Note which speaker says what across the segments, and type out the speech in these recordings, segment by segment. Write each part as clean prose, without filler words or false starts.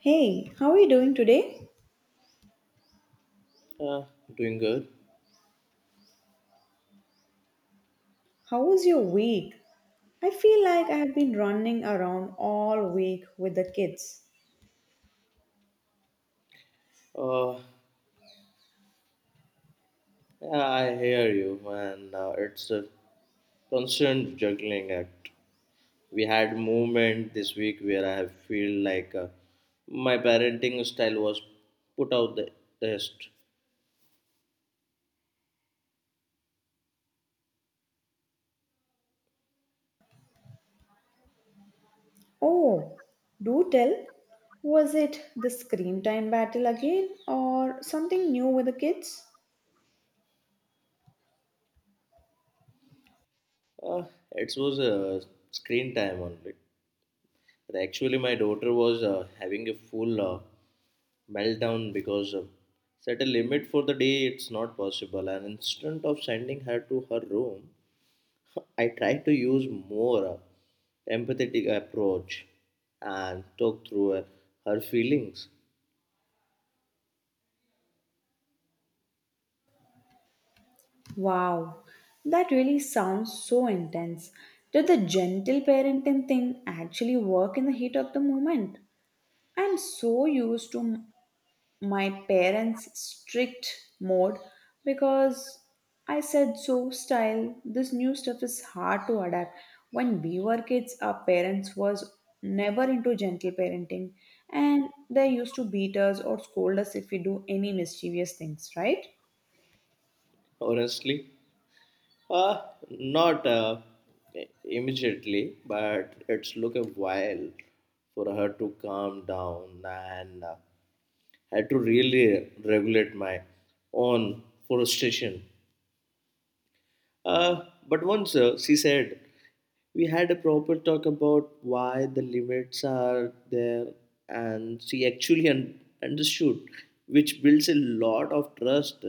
Speaker 1: Hey, how are you doing today?
Speaker 2: Uh, Doing good.
Speaker 1: How was your week? I feel like I have been running around all week with the kids.
Speaker 2: Uh, yeah, I hear you, and it's a constant juggling act. We had moment this week where I have feel like my parenting style was put out the test.
Speaker 1: Oh, do tell. Was it the screen time battle again or something new with the kids?
Speaker 2: Uh, it was screen time only. But actually, my daughter was having a full meltdown because set a limit for the day. It's not possible. And instead of sending her to her room, I try to use more empathetic approach and talk through her feelings.
Speaker 1: Wow, that really sounds so intense. Did the gentle parenting thing actually work in the heat of the moment? I'm so used to my parents' strict mode because I said so style this new stuff is hard to adapt. When we were kids, our parents was never into gentle parenting and they used to beat us or scold us if we do any mischievous things, right?
Speaker 2: Honestly, uh, not immediately, but it's took a while for her to calm down and had to really regulate my own frustration. But once she said, we had a proper talk about why the limits are there, and she actually understood, which builds a lot of trust.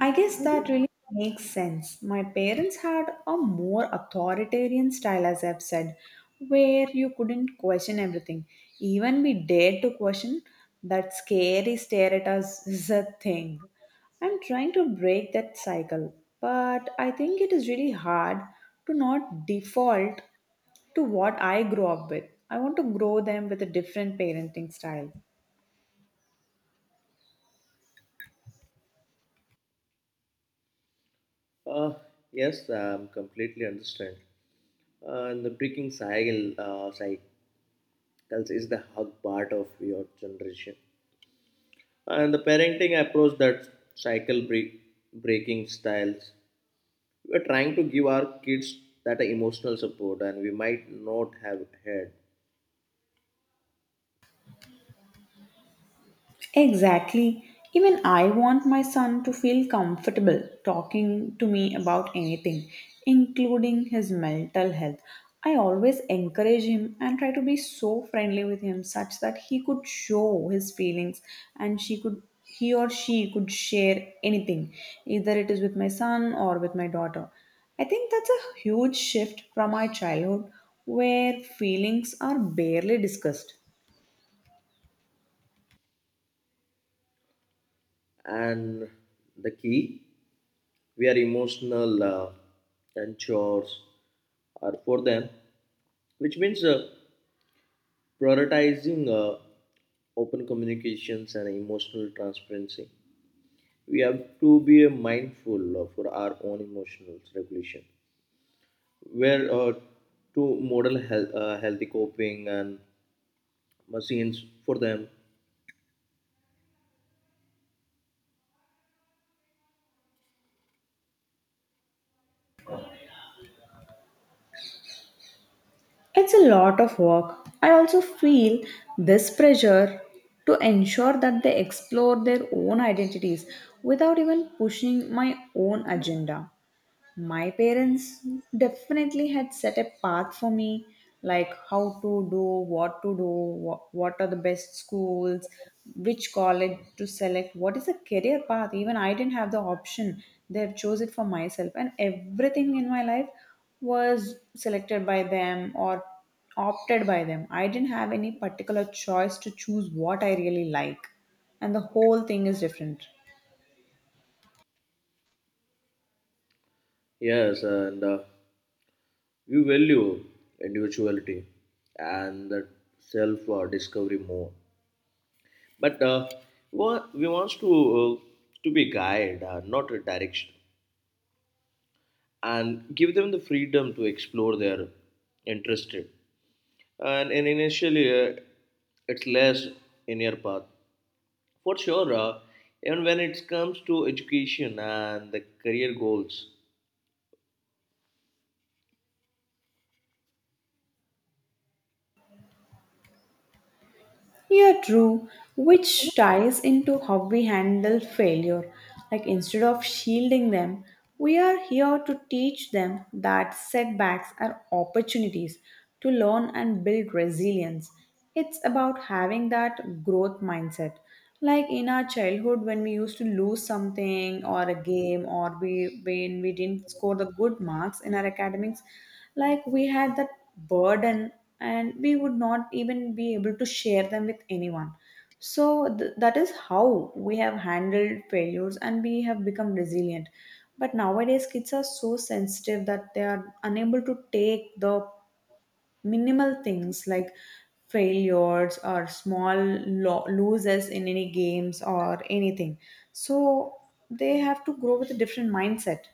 Speaker 1: I guess that really makes sense. My parents had a more authoritarian style, as I've said, where you couldn't question everything. Even we dared to question, that scary stare at us is a thing. I'm trying to break that cycle, but I think it is really hard to not default to what I grew up with. I want to grow them with a different parenting style.
Speaker 2: Uh, yes, I'm completely understand. And the breaking cycles is the hard part of your generation. And the parenting approach that cycle break, breaking styles we're trying to give our kids that emotional support and we might not have had.
Speaker 1: Exactly. Even I want my son to feel comfortable talking to me about anything, including his mental health. I always encourage him and try to be so friendly with him such that he could show his feelings and she could he or she could share anything, either it is with my son or with my daughter. I think that's a huge shift from my childhood where feelings are barely discussed.
Speaker 2: And the key we are emotional and chores are for them, which means prioritizing open communications and emotional transparency. We have to be mindful for our own emotional regulation, where to model health, healthy coping and machines for them.
Speaker 1: It's a lot of work. I also feel this pressure to ensure that they explore their own identities without even pushing my own agenda my parents definitely had set a path for me like how to do what are the best schools which college to select what is the career path even I didn't have the option they have chose it for myself and everything in my life was selected by them or opted by them I didn't have any particular choice to choose what I really like and the whole thing is different.
Speaker 2: Yes, and we value individuality and that self discovery more, but we wants uh, to be guide, not a direction, and give them the freedom to explore their interested. And initially it's less in your path for sure, even when it comes to education and the career goals.
Speaker 1: Yeah, true. Which ties into how we handle failure. Like instead of shielding them, we are here to teach them that setbacks are opportunities to learn and build resilience. It's about having that growth mindset like in our childhood, when we used to lose something or a game, or we when we didn't score the good marks in our academics, like we had that burden, and we would not even be able to share them with anyone. So that is how we have handled failures, and we have become resilient. But nowadays, kids are so sensitive that they are unable to take the minimal things like failures or small loses in any games or anything so they have to grow with a different mindset.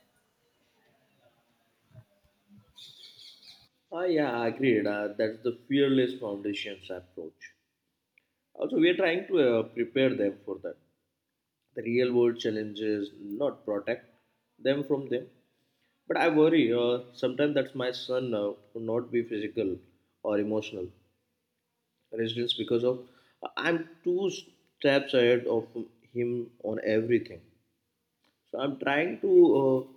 Speaker 2: Ah, yeah, I agreed. That's the fearless foundations approach. Also, we are trying to prepare them for that. The real world challenges, not protect them from them. But I worry sometimes that my son would not be physical or emotional resilience because of I'm two steps ahead of him on everything. So I'm trying to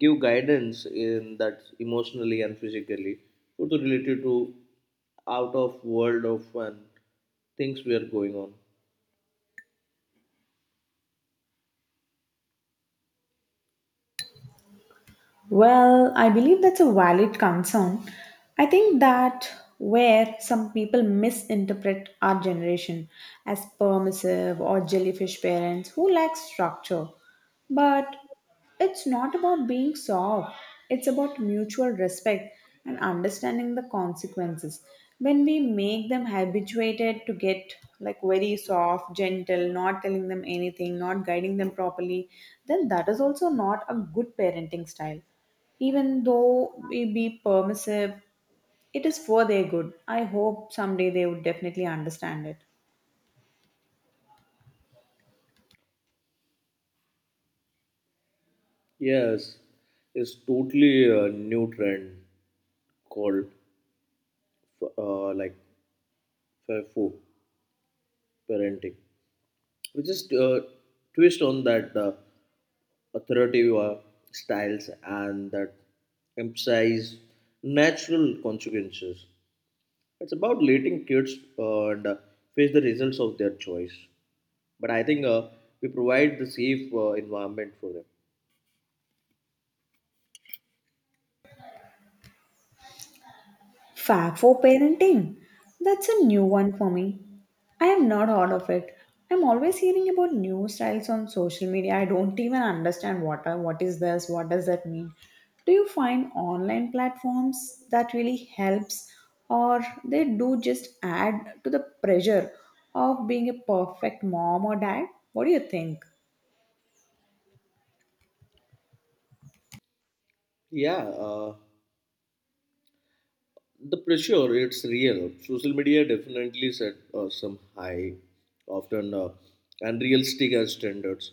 Speaker 2: give guidance in that emotionally and physically, both related to out of world of and things we are going on.
Speaker 1: Well, I believe that's a valid concern. I think that where some people misinterpret our generation as permissive or jellyfish parents who lack structure. But it's not about being soft, it's about mutual respect and understanding the consequences. When we make them habituated to get like very soft, gentle, not telling them anything, not guiding them properly, then that is also not a good parenting style even though we be permissive, it is for their good. I hope someday they would definitely understand it.
Speaker 2: Yes, it's totally a new trend called like FIFO parenting, which is twist on that authoritative styles and that emphasize natural consequences. It's about letting kids face the results of their choice. But I think we provide the safe environment for them.
Speaker 1: Fab for parenting. That's a new one for me. I have not heard of it. I'm always hearing about new styles on social media. I don't even understand what are, what is this, what does that mean. Do you find online platforms that really helps or they do just add to the pressure of being a perfect mom or dad? What do you think?
Speaker 2: Yeah. The pressure, it's real. Social media definitely set some high, often unrealistic as standards.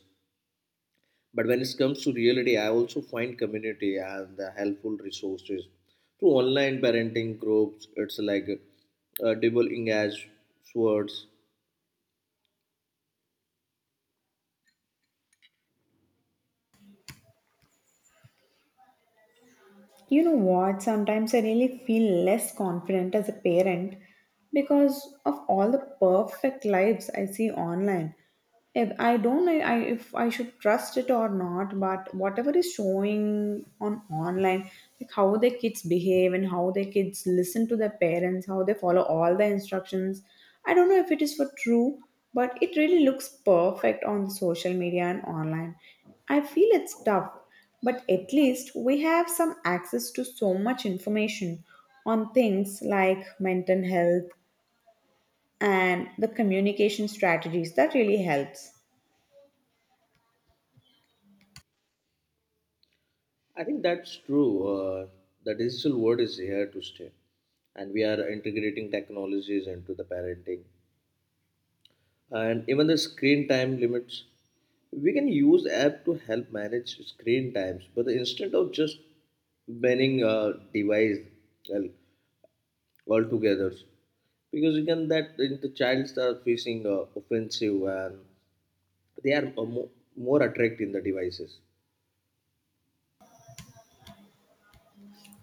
Speaker 2: But when it comes to reality, I also find community and the helpful resources through online parenting groups. It's like double engaged swords.
Speaker 1: You know what? Sometimes I really feel less confident as a parent because of all the perfect lives I see online. If I don't know I, if I should trust it or not, but whatever is showing on online, like how the kids behave and how the kids listen to their parents, how they follow all the instructions, I don't know if it is for true, but it really looks perfect on social media and online. I feel it's tough. But at least we have some access to so much information on things like mental health and the communication strategies that really helps.
Speaker 2: I think that's true. The digital world is here to stay, and we are integrating technologies into the parenting and even the screen time limits. We can use app to help manage screen times, but instead of just banning a device well, altogether, because again that the childs are facing offensive and they are more attracted in the devices.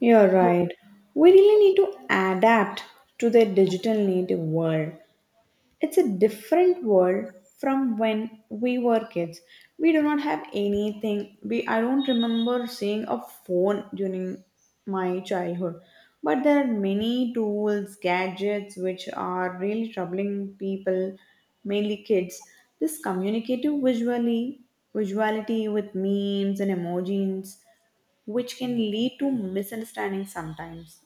Speaker 1: You're right. We really need to adapt to the digital native world. It's a different world from when we were kids. We do not have anything. We I don't remember seeing a phone during my childhood. But there are many tools, gadgets which are really troubling people, mainly kids. This communicative visually visuality with memes and emojis which can lead to misunderstandings sometimes.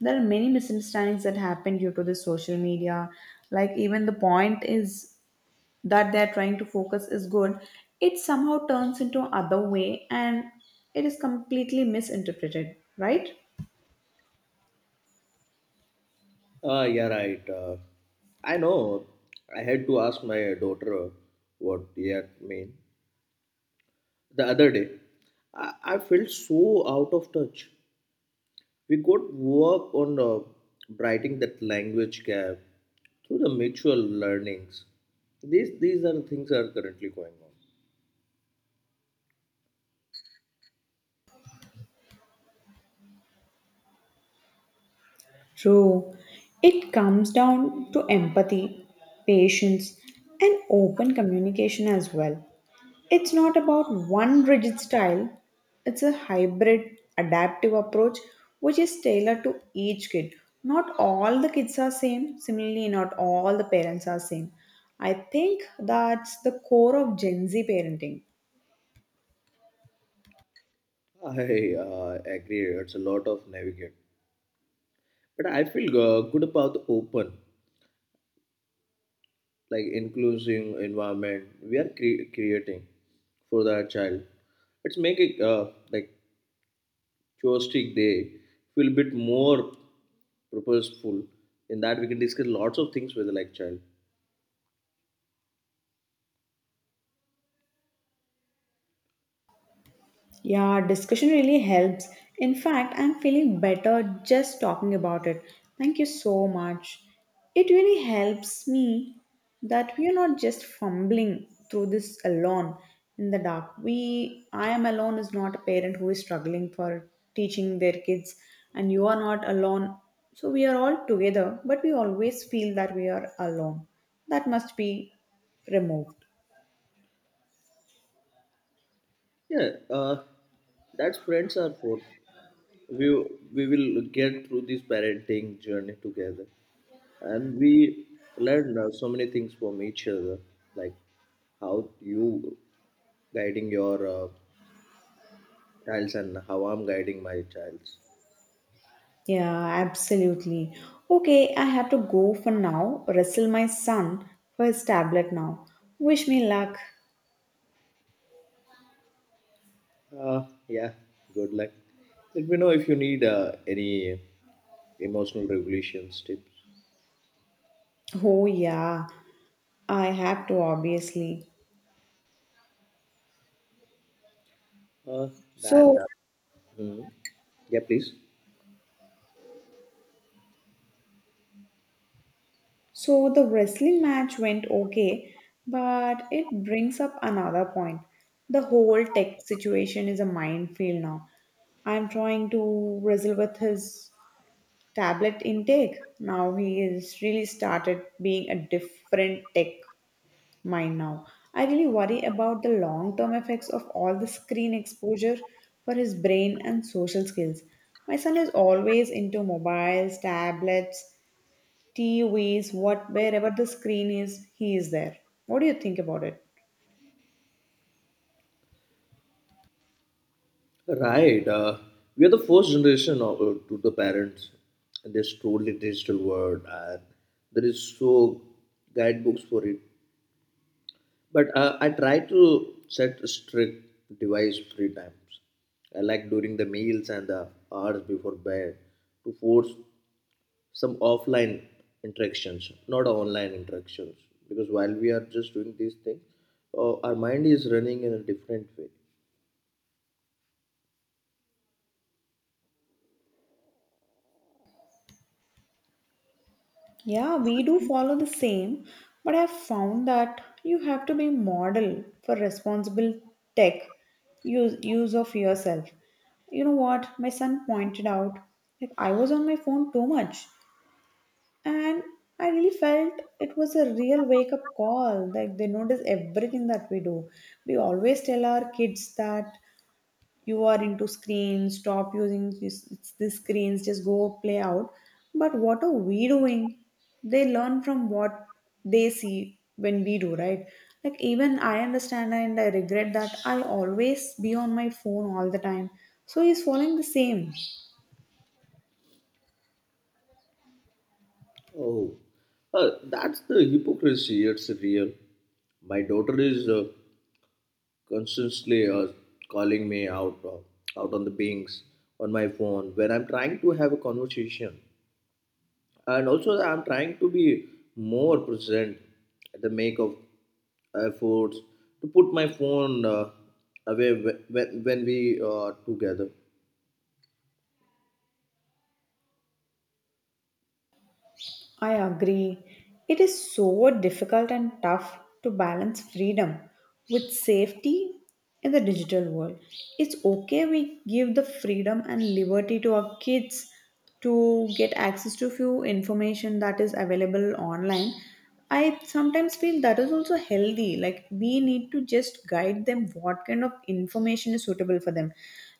Speaker 1: There are many misunderstandings that happen due to the social media. Like, even the point is that they're trying to focus is good, it somehow turns into other way and it is completely misinterpreted, right?
Speaker 2: Ah, yeah, right. I know. I had to ask my daughter what that mean the other day. I felt so out of touch. We could work on bridging that language gap through the mutual learnings. These are the things that are currently going
Speaker 1: True. It comes down to empathy, patience, and open communication as well. It's not about one rigid style, it's a hybrid, adaptive approach which is tailored to each kid. Not all the kids are same, similarly, not all the parents are same. I think that's the core of Gen Z parenting.
Speaker 2: on. I agree. It's a lot of navigate, but I feel good about the open, like inclusive environment we are creating for that child. It's making like joystick day feel a bit more purposeful. In that we can discuss lots of things with the like child.
Speaker 1: Yeah, discussion really helps. In fact, I'm feeling better just talking about it. Thank you so much. It really helps me that we are not just fumbling through this alone in the dark. We I am alone is not a parent who is struggling for teaching their kids and you are not alone. So we are all together, but we always feel that we are alone. That must be removed.
Speaker 2: Yeah, that's friends are for. We we will get through this parenting journey together, and we learn so many things from each other, like how you guiding your child's and how I'm guiding my child's.
Speaker 1: Yeah, absolutely. Okay, I have to go for now. Wrestle my son for his tablet now. Wish me luck.
Speaker 2: Yeah, good luck. Let me know if you need any emotional regulations tips.
Speaker 1: Oh yeah, I have to obviously.
Speaker 2: Uh, and
Speaker 1: So
Speaker 2: mm, yeah, please.
Speaker 1: so the wrestling match went okay, but it brings up another point. The whole tech situation is a minefield now. I'm trying to wrestle with his tablet intake. Now he has really started being a different tech Mind now. I really worry about the long term effects of all the screen exposure for his brain and social skills. My son is always into mobiles, tablets, TVs, what wherever the screen is, he is there. What do you think about it?
Speaker 2: Right. We are the first generation of, to the parents in this totally digital world, and there is so guidebooks for it. But I try to set strict device free times, I like during the meals and the hours before bed, to force some offline interactions, not online interactions. Because while we are just doing these things, our mind is running in a different way.
Speaker 1: Yeah, we do follow the same, but I've found that you have to be model for responsible tech use of yourself. You know what? My son pointed out like I was on my phone too much. And I really felt it was a real wake up call like they notice everything that we do. We always tell our kids that you are into screens stop using this, these screens just go play out but what are we doing. They learn from what they see when we do right. Like even I understand and I regret that I always be on my phone all the time so he's following the same.
Speaker 2: Oh, that's the hypocrisy. It's real. My daughter is constantly calling me out out on the pings on my phone when I'm trying to have a conversation, and also I'm trying to be more present at the make of efforts to put my phone away when we are together.
Speaker 1: I agree. It is so difficult and tough to balance freedom with safety in the digital world. It's okay we give the freedom and liberty to our kids to get access to few information that is available online. I sometimes feel that is also healthy. Like we need to just guide them what kind of information is suitable for them.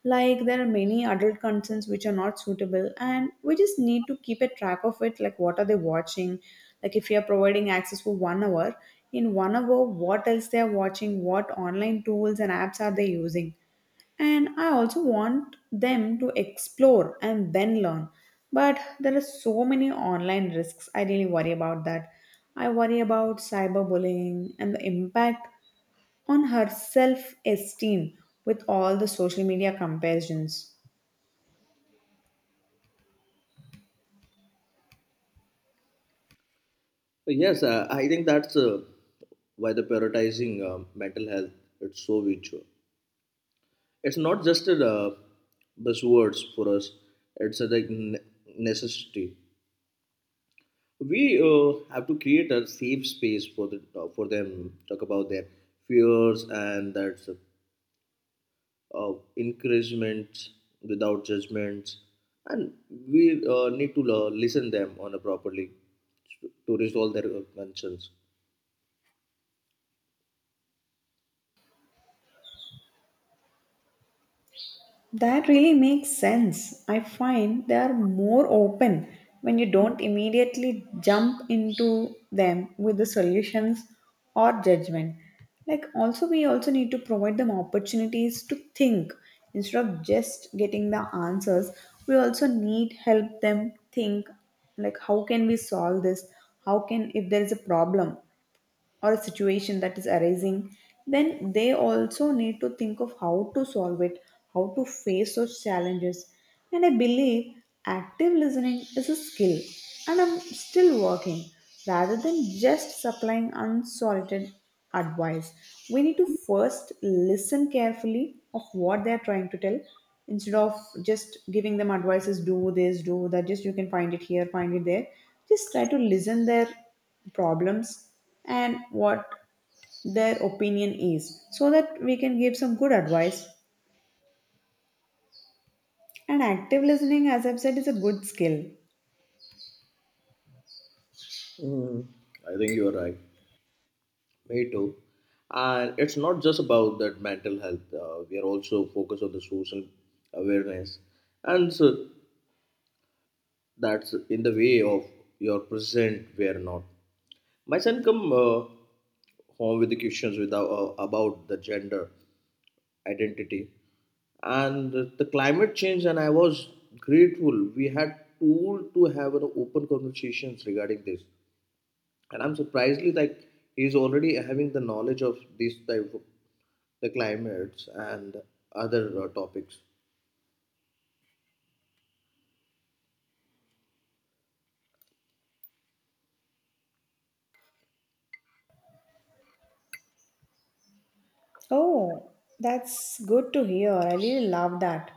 Speaker 1: Like there are many adult contents which are not suitable, and we just need to keep a track of it. Like what are they watching? Like if you are providing access for one hour, in one hour, what else they are watching? What online tools and apps are they using? And I also want them to explore and then learn but there are so many online risks I really worry about that. I worry about cyberbullying and the impact on her self esteem with all the social media comparisons.
Speaker 2: But yes, I think that's why the prioritizing mental health it's so virtual. It's not just a buzzwords for us. It's a like necessity. We have to create a safe space for the for them. Talk about their fears and that's uh, encouragement without judgments. And we need to listen them on a properly to resolve their concerns.
Speaker 1: That really makes sense. I find they are more open when you don't immediately jump into them with the solutions or judgment. Like also we also need to provide them opportunities to think instead of just getting the answers. We also need help them think like how can we solve this? How can if there is a problem or a situation that is arising, then they also need to think of how to solve it, how to face those challenges. And I believe active listening is a skill, and I'm still working rather than just supplying unsolicited advice. We need to first listen carefully of what they're trying to tell instead of just giving them advices do this do that just you can find it here find it there just try to listen their problems and what their opinion is so that we can give some good advice. And active listening, as I've said, is a good skill.
Speaker 2: Mm. I think you are right. Me too. And it's not just about that mental health. We are also focused on the social awareness, and so that's in the way of your present. We are not. My son come home with the questions without about the gender identity and the climate change. And I was grateful we had tool to have an open conversations regarding this. And I'm surprisingly like he's already having the knowledge of these type of the climates and other topics.
Speaker 1: Oh, that's good to hear. I really love that.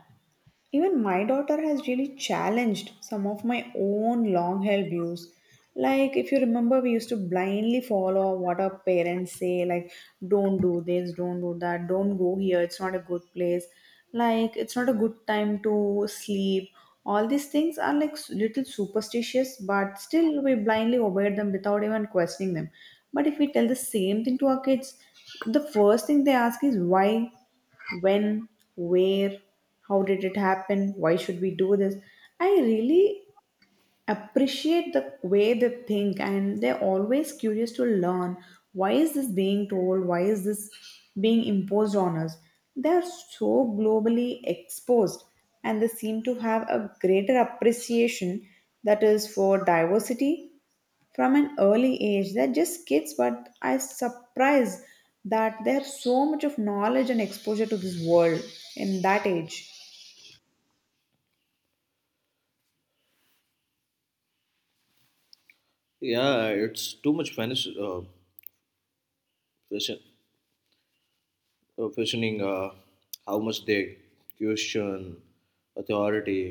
Speaker 1: Even my daughter has really challenged some of my own long held views. Like, if you remember, we used to blindly follow what our parents say, like, don't do this, don't do that, don't go here, it's not a good place, like, it's not a good time to sleep. All these things are like little superstitious, but still we blindly obey them without even questioning them. But if we tell the same thing to our kids, the first thing they ask is why, when, where, how did it happen, why should we do this. I really appreciate the way they think, and they're always curious to learn why is this being told, why is this being imposed on us. They are so globally exposed, and they seem to have a greater appreciation that is for diversity from an early age. They're just kids, but I surprised that they have so much of knowledge and exposure to this world in that age.
Speaker 2: Yeah, it's too much fashion, fashioning how much they question authority.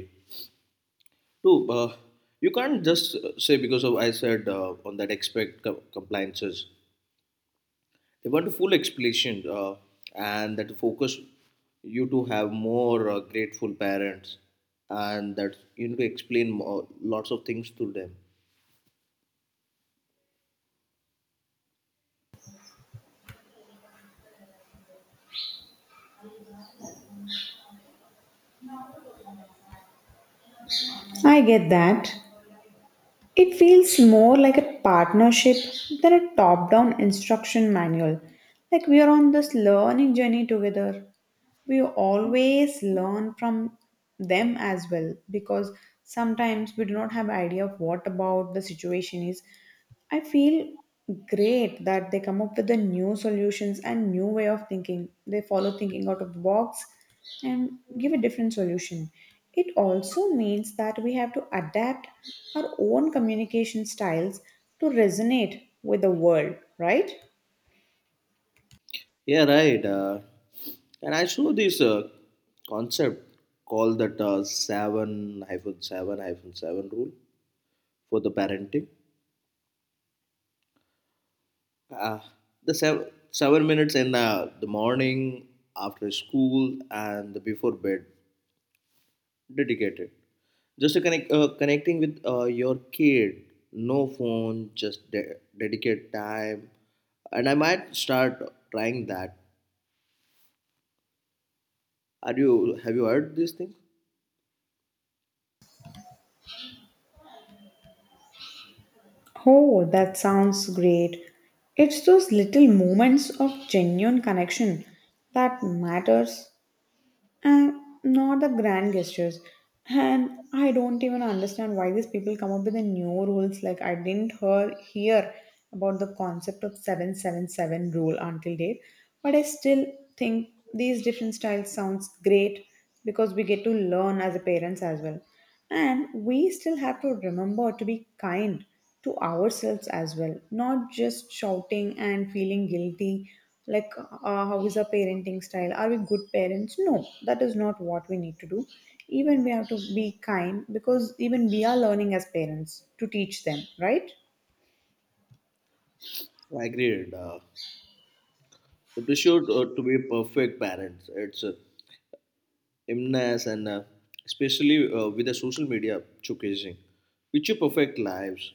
Speaker 2: Too, you can't just say because of I said on that expect compliances. They want a full explanation and that focus you to have more grateful parents and that you need to explain more, lots of things to them.
Speaker 1: I get that. It feels more like a partnership than a top down instruction manual. Like we are on this learning journey together. We always learn from them as well because sometimes we do not have idea of what about the situation is. I feel great that they come up with the new solutions and new way of thinking. They follow thinking out of the box and give a different solution. It also means that we have to adapt our own communication styles to resonate with the world, right?
Speaker 2: Yeah, right. And I saw this concept called that 7-7-7 rule for the parenting. Uh, the 7 minutes in the morning, after school, and the before bed dedicated. Just to connecting with your kid, no phone, just dedicate time. And I might start trying that. Are you Have you heard these things?
Speaker 1: Oh, that sounds great. It's those little moments of genuine connection that matters and not the grand gestures. And I don't even understand why these people come up with the new rules. Like I didn't hear about the concept of seven seven seven rule until date, but I still think these different styles sounds great because we get to learn as a parents as well. And we still have to remember to be kind to ourselves as well, not just shouting and feeling guilty like, how is our parenting style? Are we good parents? No, that is not what we need to do. Even we have to be kind because even we are learning as parents to teach them, right?
Speaker 2: I agreed. The pressure to be perfect parents it's immense and especially with the social media showcasing which you perfect lives,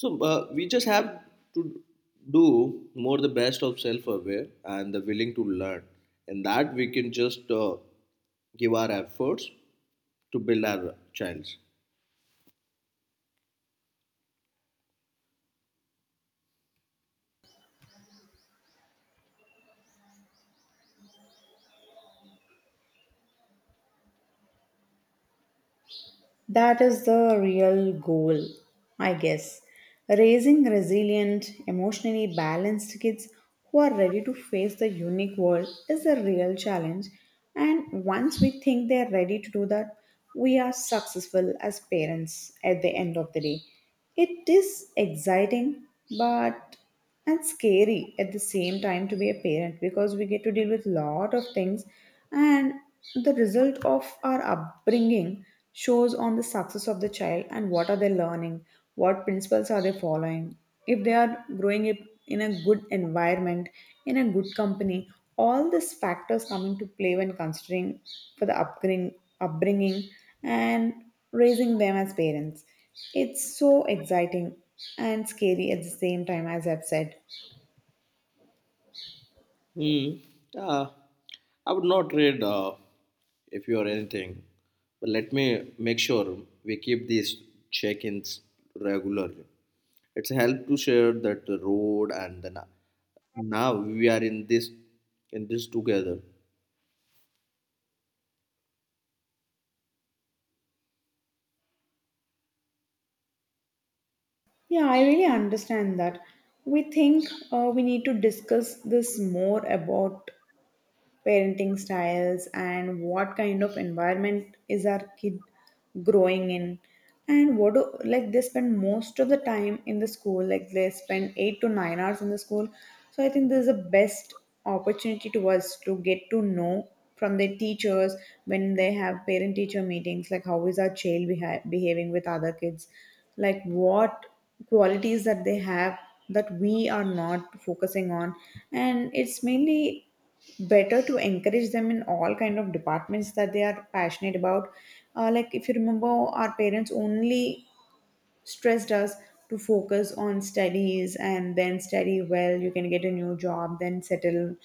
Speaker 2: so we just have to do more the best of self-aware and the willing to learn, and that we can just give our efforts to build our childs.
Speaker 1: That is the real goal, I guess. Raising resilient, emotionally balanced kids who are ready to face the unique world is the real challenge. And once we think they are ready to do that, we are successful as parents at the end of the day. It is exciting, but and scary at the same time to be a parent because we get to deal with lot of things, and the result of our upbringing shows on the success of the child and what are they learning, what principles are they following, if they are growing up in a good environment, in a good company. All these factors come into play when considering for the upbringing, upbringing and raising them as parents. It's so exciting and scary at the same time, as I've said.
Speaker 2: Hmm. Uh, I would not read if you are anything, but let me make sure we keep these check-ins regularly. It's help to share that the road, and then now we are in this together.
Speaker 1: Yeah, I really understand that. We think we need to discuss this more about parenting styles and what kind of environment is our kid growing in, and what do like they spend most of the time in the school, like they spend 8 to 9 hours in the school. So I think this is the best opportunity to us to get to know from their teachers when they have parent teacher meetings, like how is our child behaving with other kids, like what qualities that they have that we are not focusing on. And it's mainly better to encourage them in all kind of departments that they are passionate about. Uh, like if you remember our parents only stressed us to focus on studies and then study well you can get a new job then settle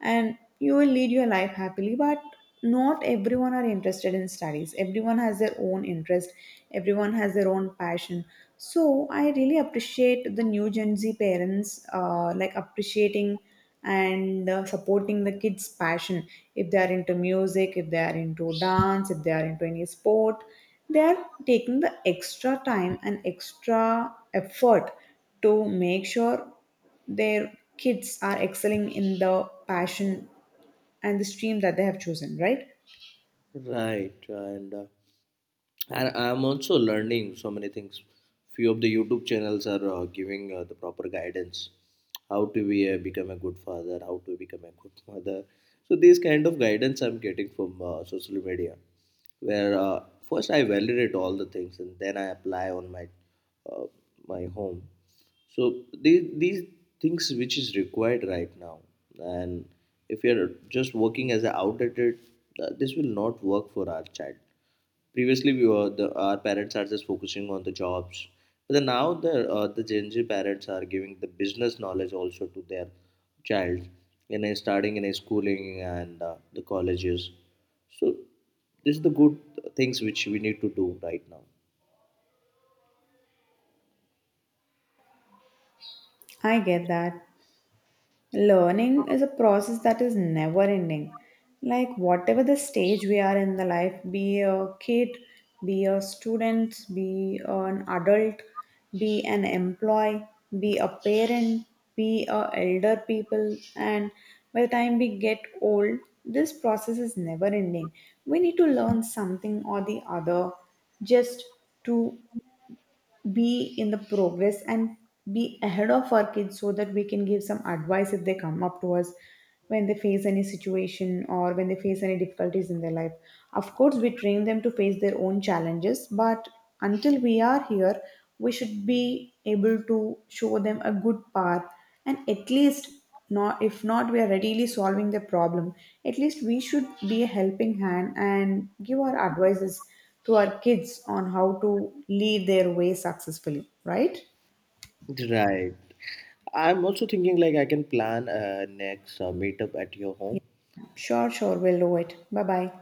Speaker 1: and you will lead your life happily. But not everyone are interested in studies, everyone has their own interest, everyone has their own passion. So I really appreciate the new Gen Z parents, like appreciating and supporting the kids' passion. If they are into music, if they are into dance, if they are into any sport, they are taking the extra time and extra effort to make sure their kids are excelling in the passion and the stream that they have chosen, right?
Speaker 2: Right, and I'm also learning so many things. Few of the YouTube channels are giving the proper guidance how to be become a good father, how to become a good mother. So these kind of guidance I'm getting from social media, where first I validate all the things and then I apply on uh, my home. So these things which is required right now, and if you're just working as an outdated this will not work for our child. Previously, we were the our parents are just focusing on the jobs, but then now the Gen Z parents are giving the business knowledge also to their child in a starting in a schooling and the colleges. So this is the good things which we need to do right now.
Speaker 1: I get that. Learning is a process that is never ending. Like, whatever the stage we are in the life, be a kid, be a student, be an adult, be an employee, be a parent, be a elder people, and by the time we get old, this process is never ending. We need to learn something or the other just to be in the progress and be ahead of our kids so that we can give some advice if they come up to us when they face any situation or when they face any difficulties in their life. Of course, we train them to face their own challenges, but until we are here, we should be able to show them a good path and at least not if not we are readily solving the problem, at least we should be a helping hand and give our advices to our kids on how to lead their way successfully, right?
Speaker 2: Right. I'm also thinking like I can plan a next meetup at your
Speaker 1: Yeah.
Speaker 2: home.
Speaker 1: Sure, sure. We'll do it. Bye bye.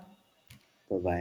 Speaker 2: Bye bye.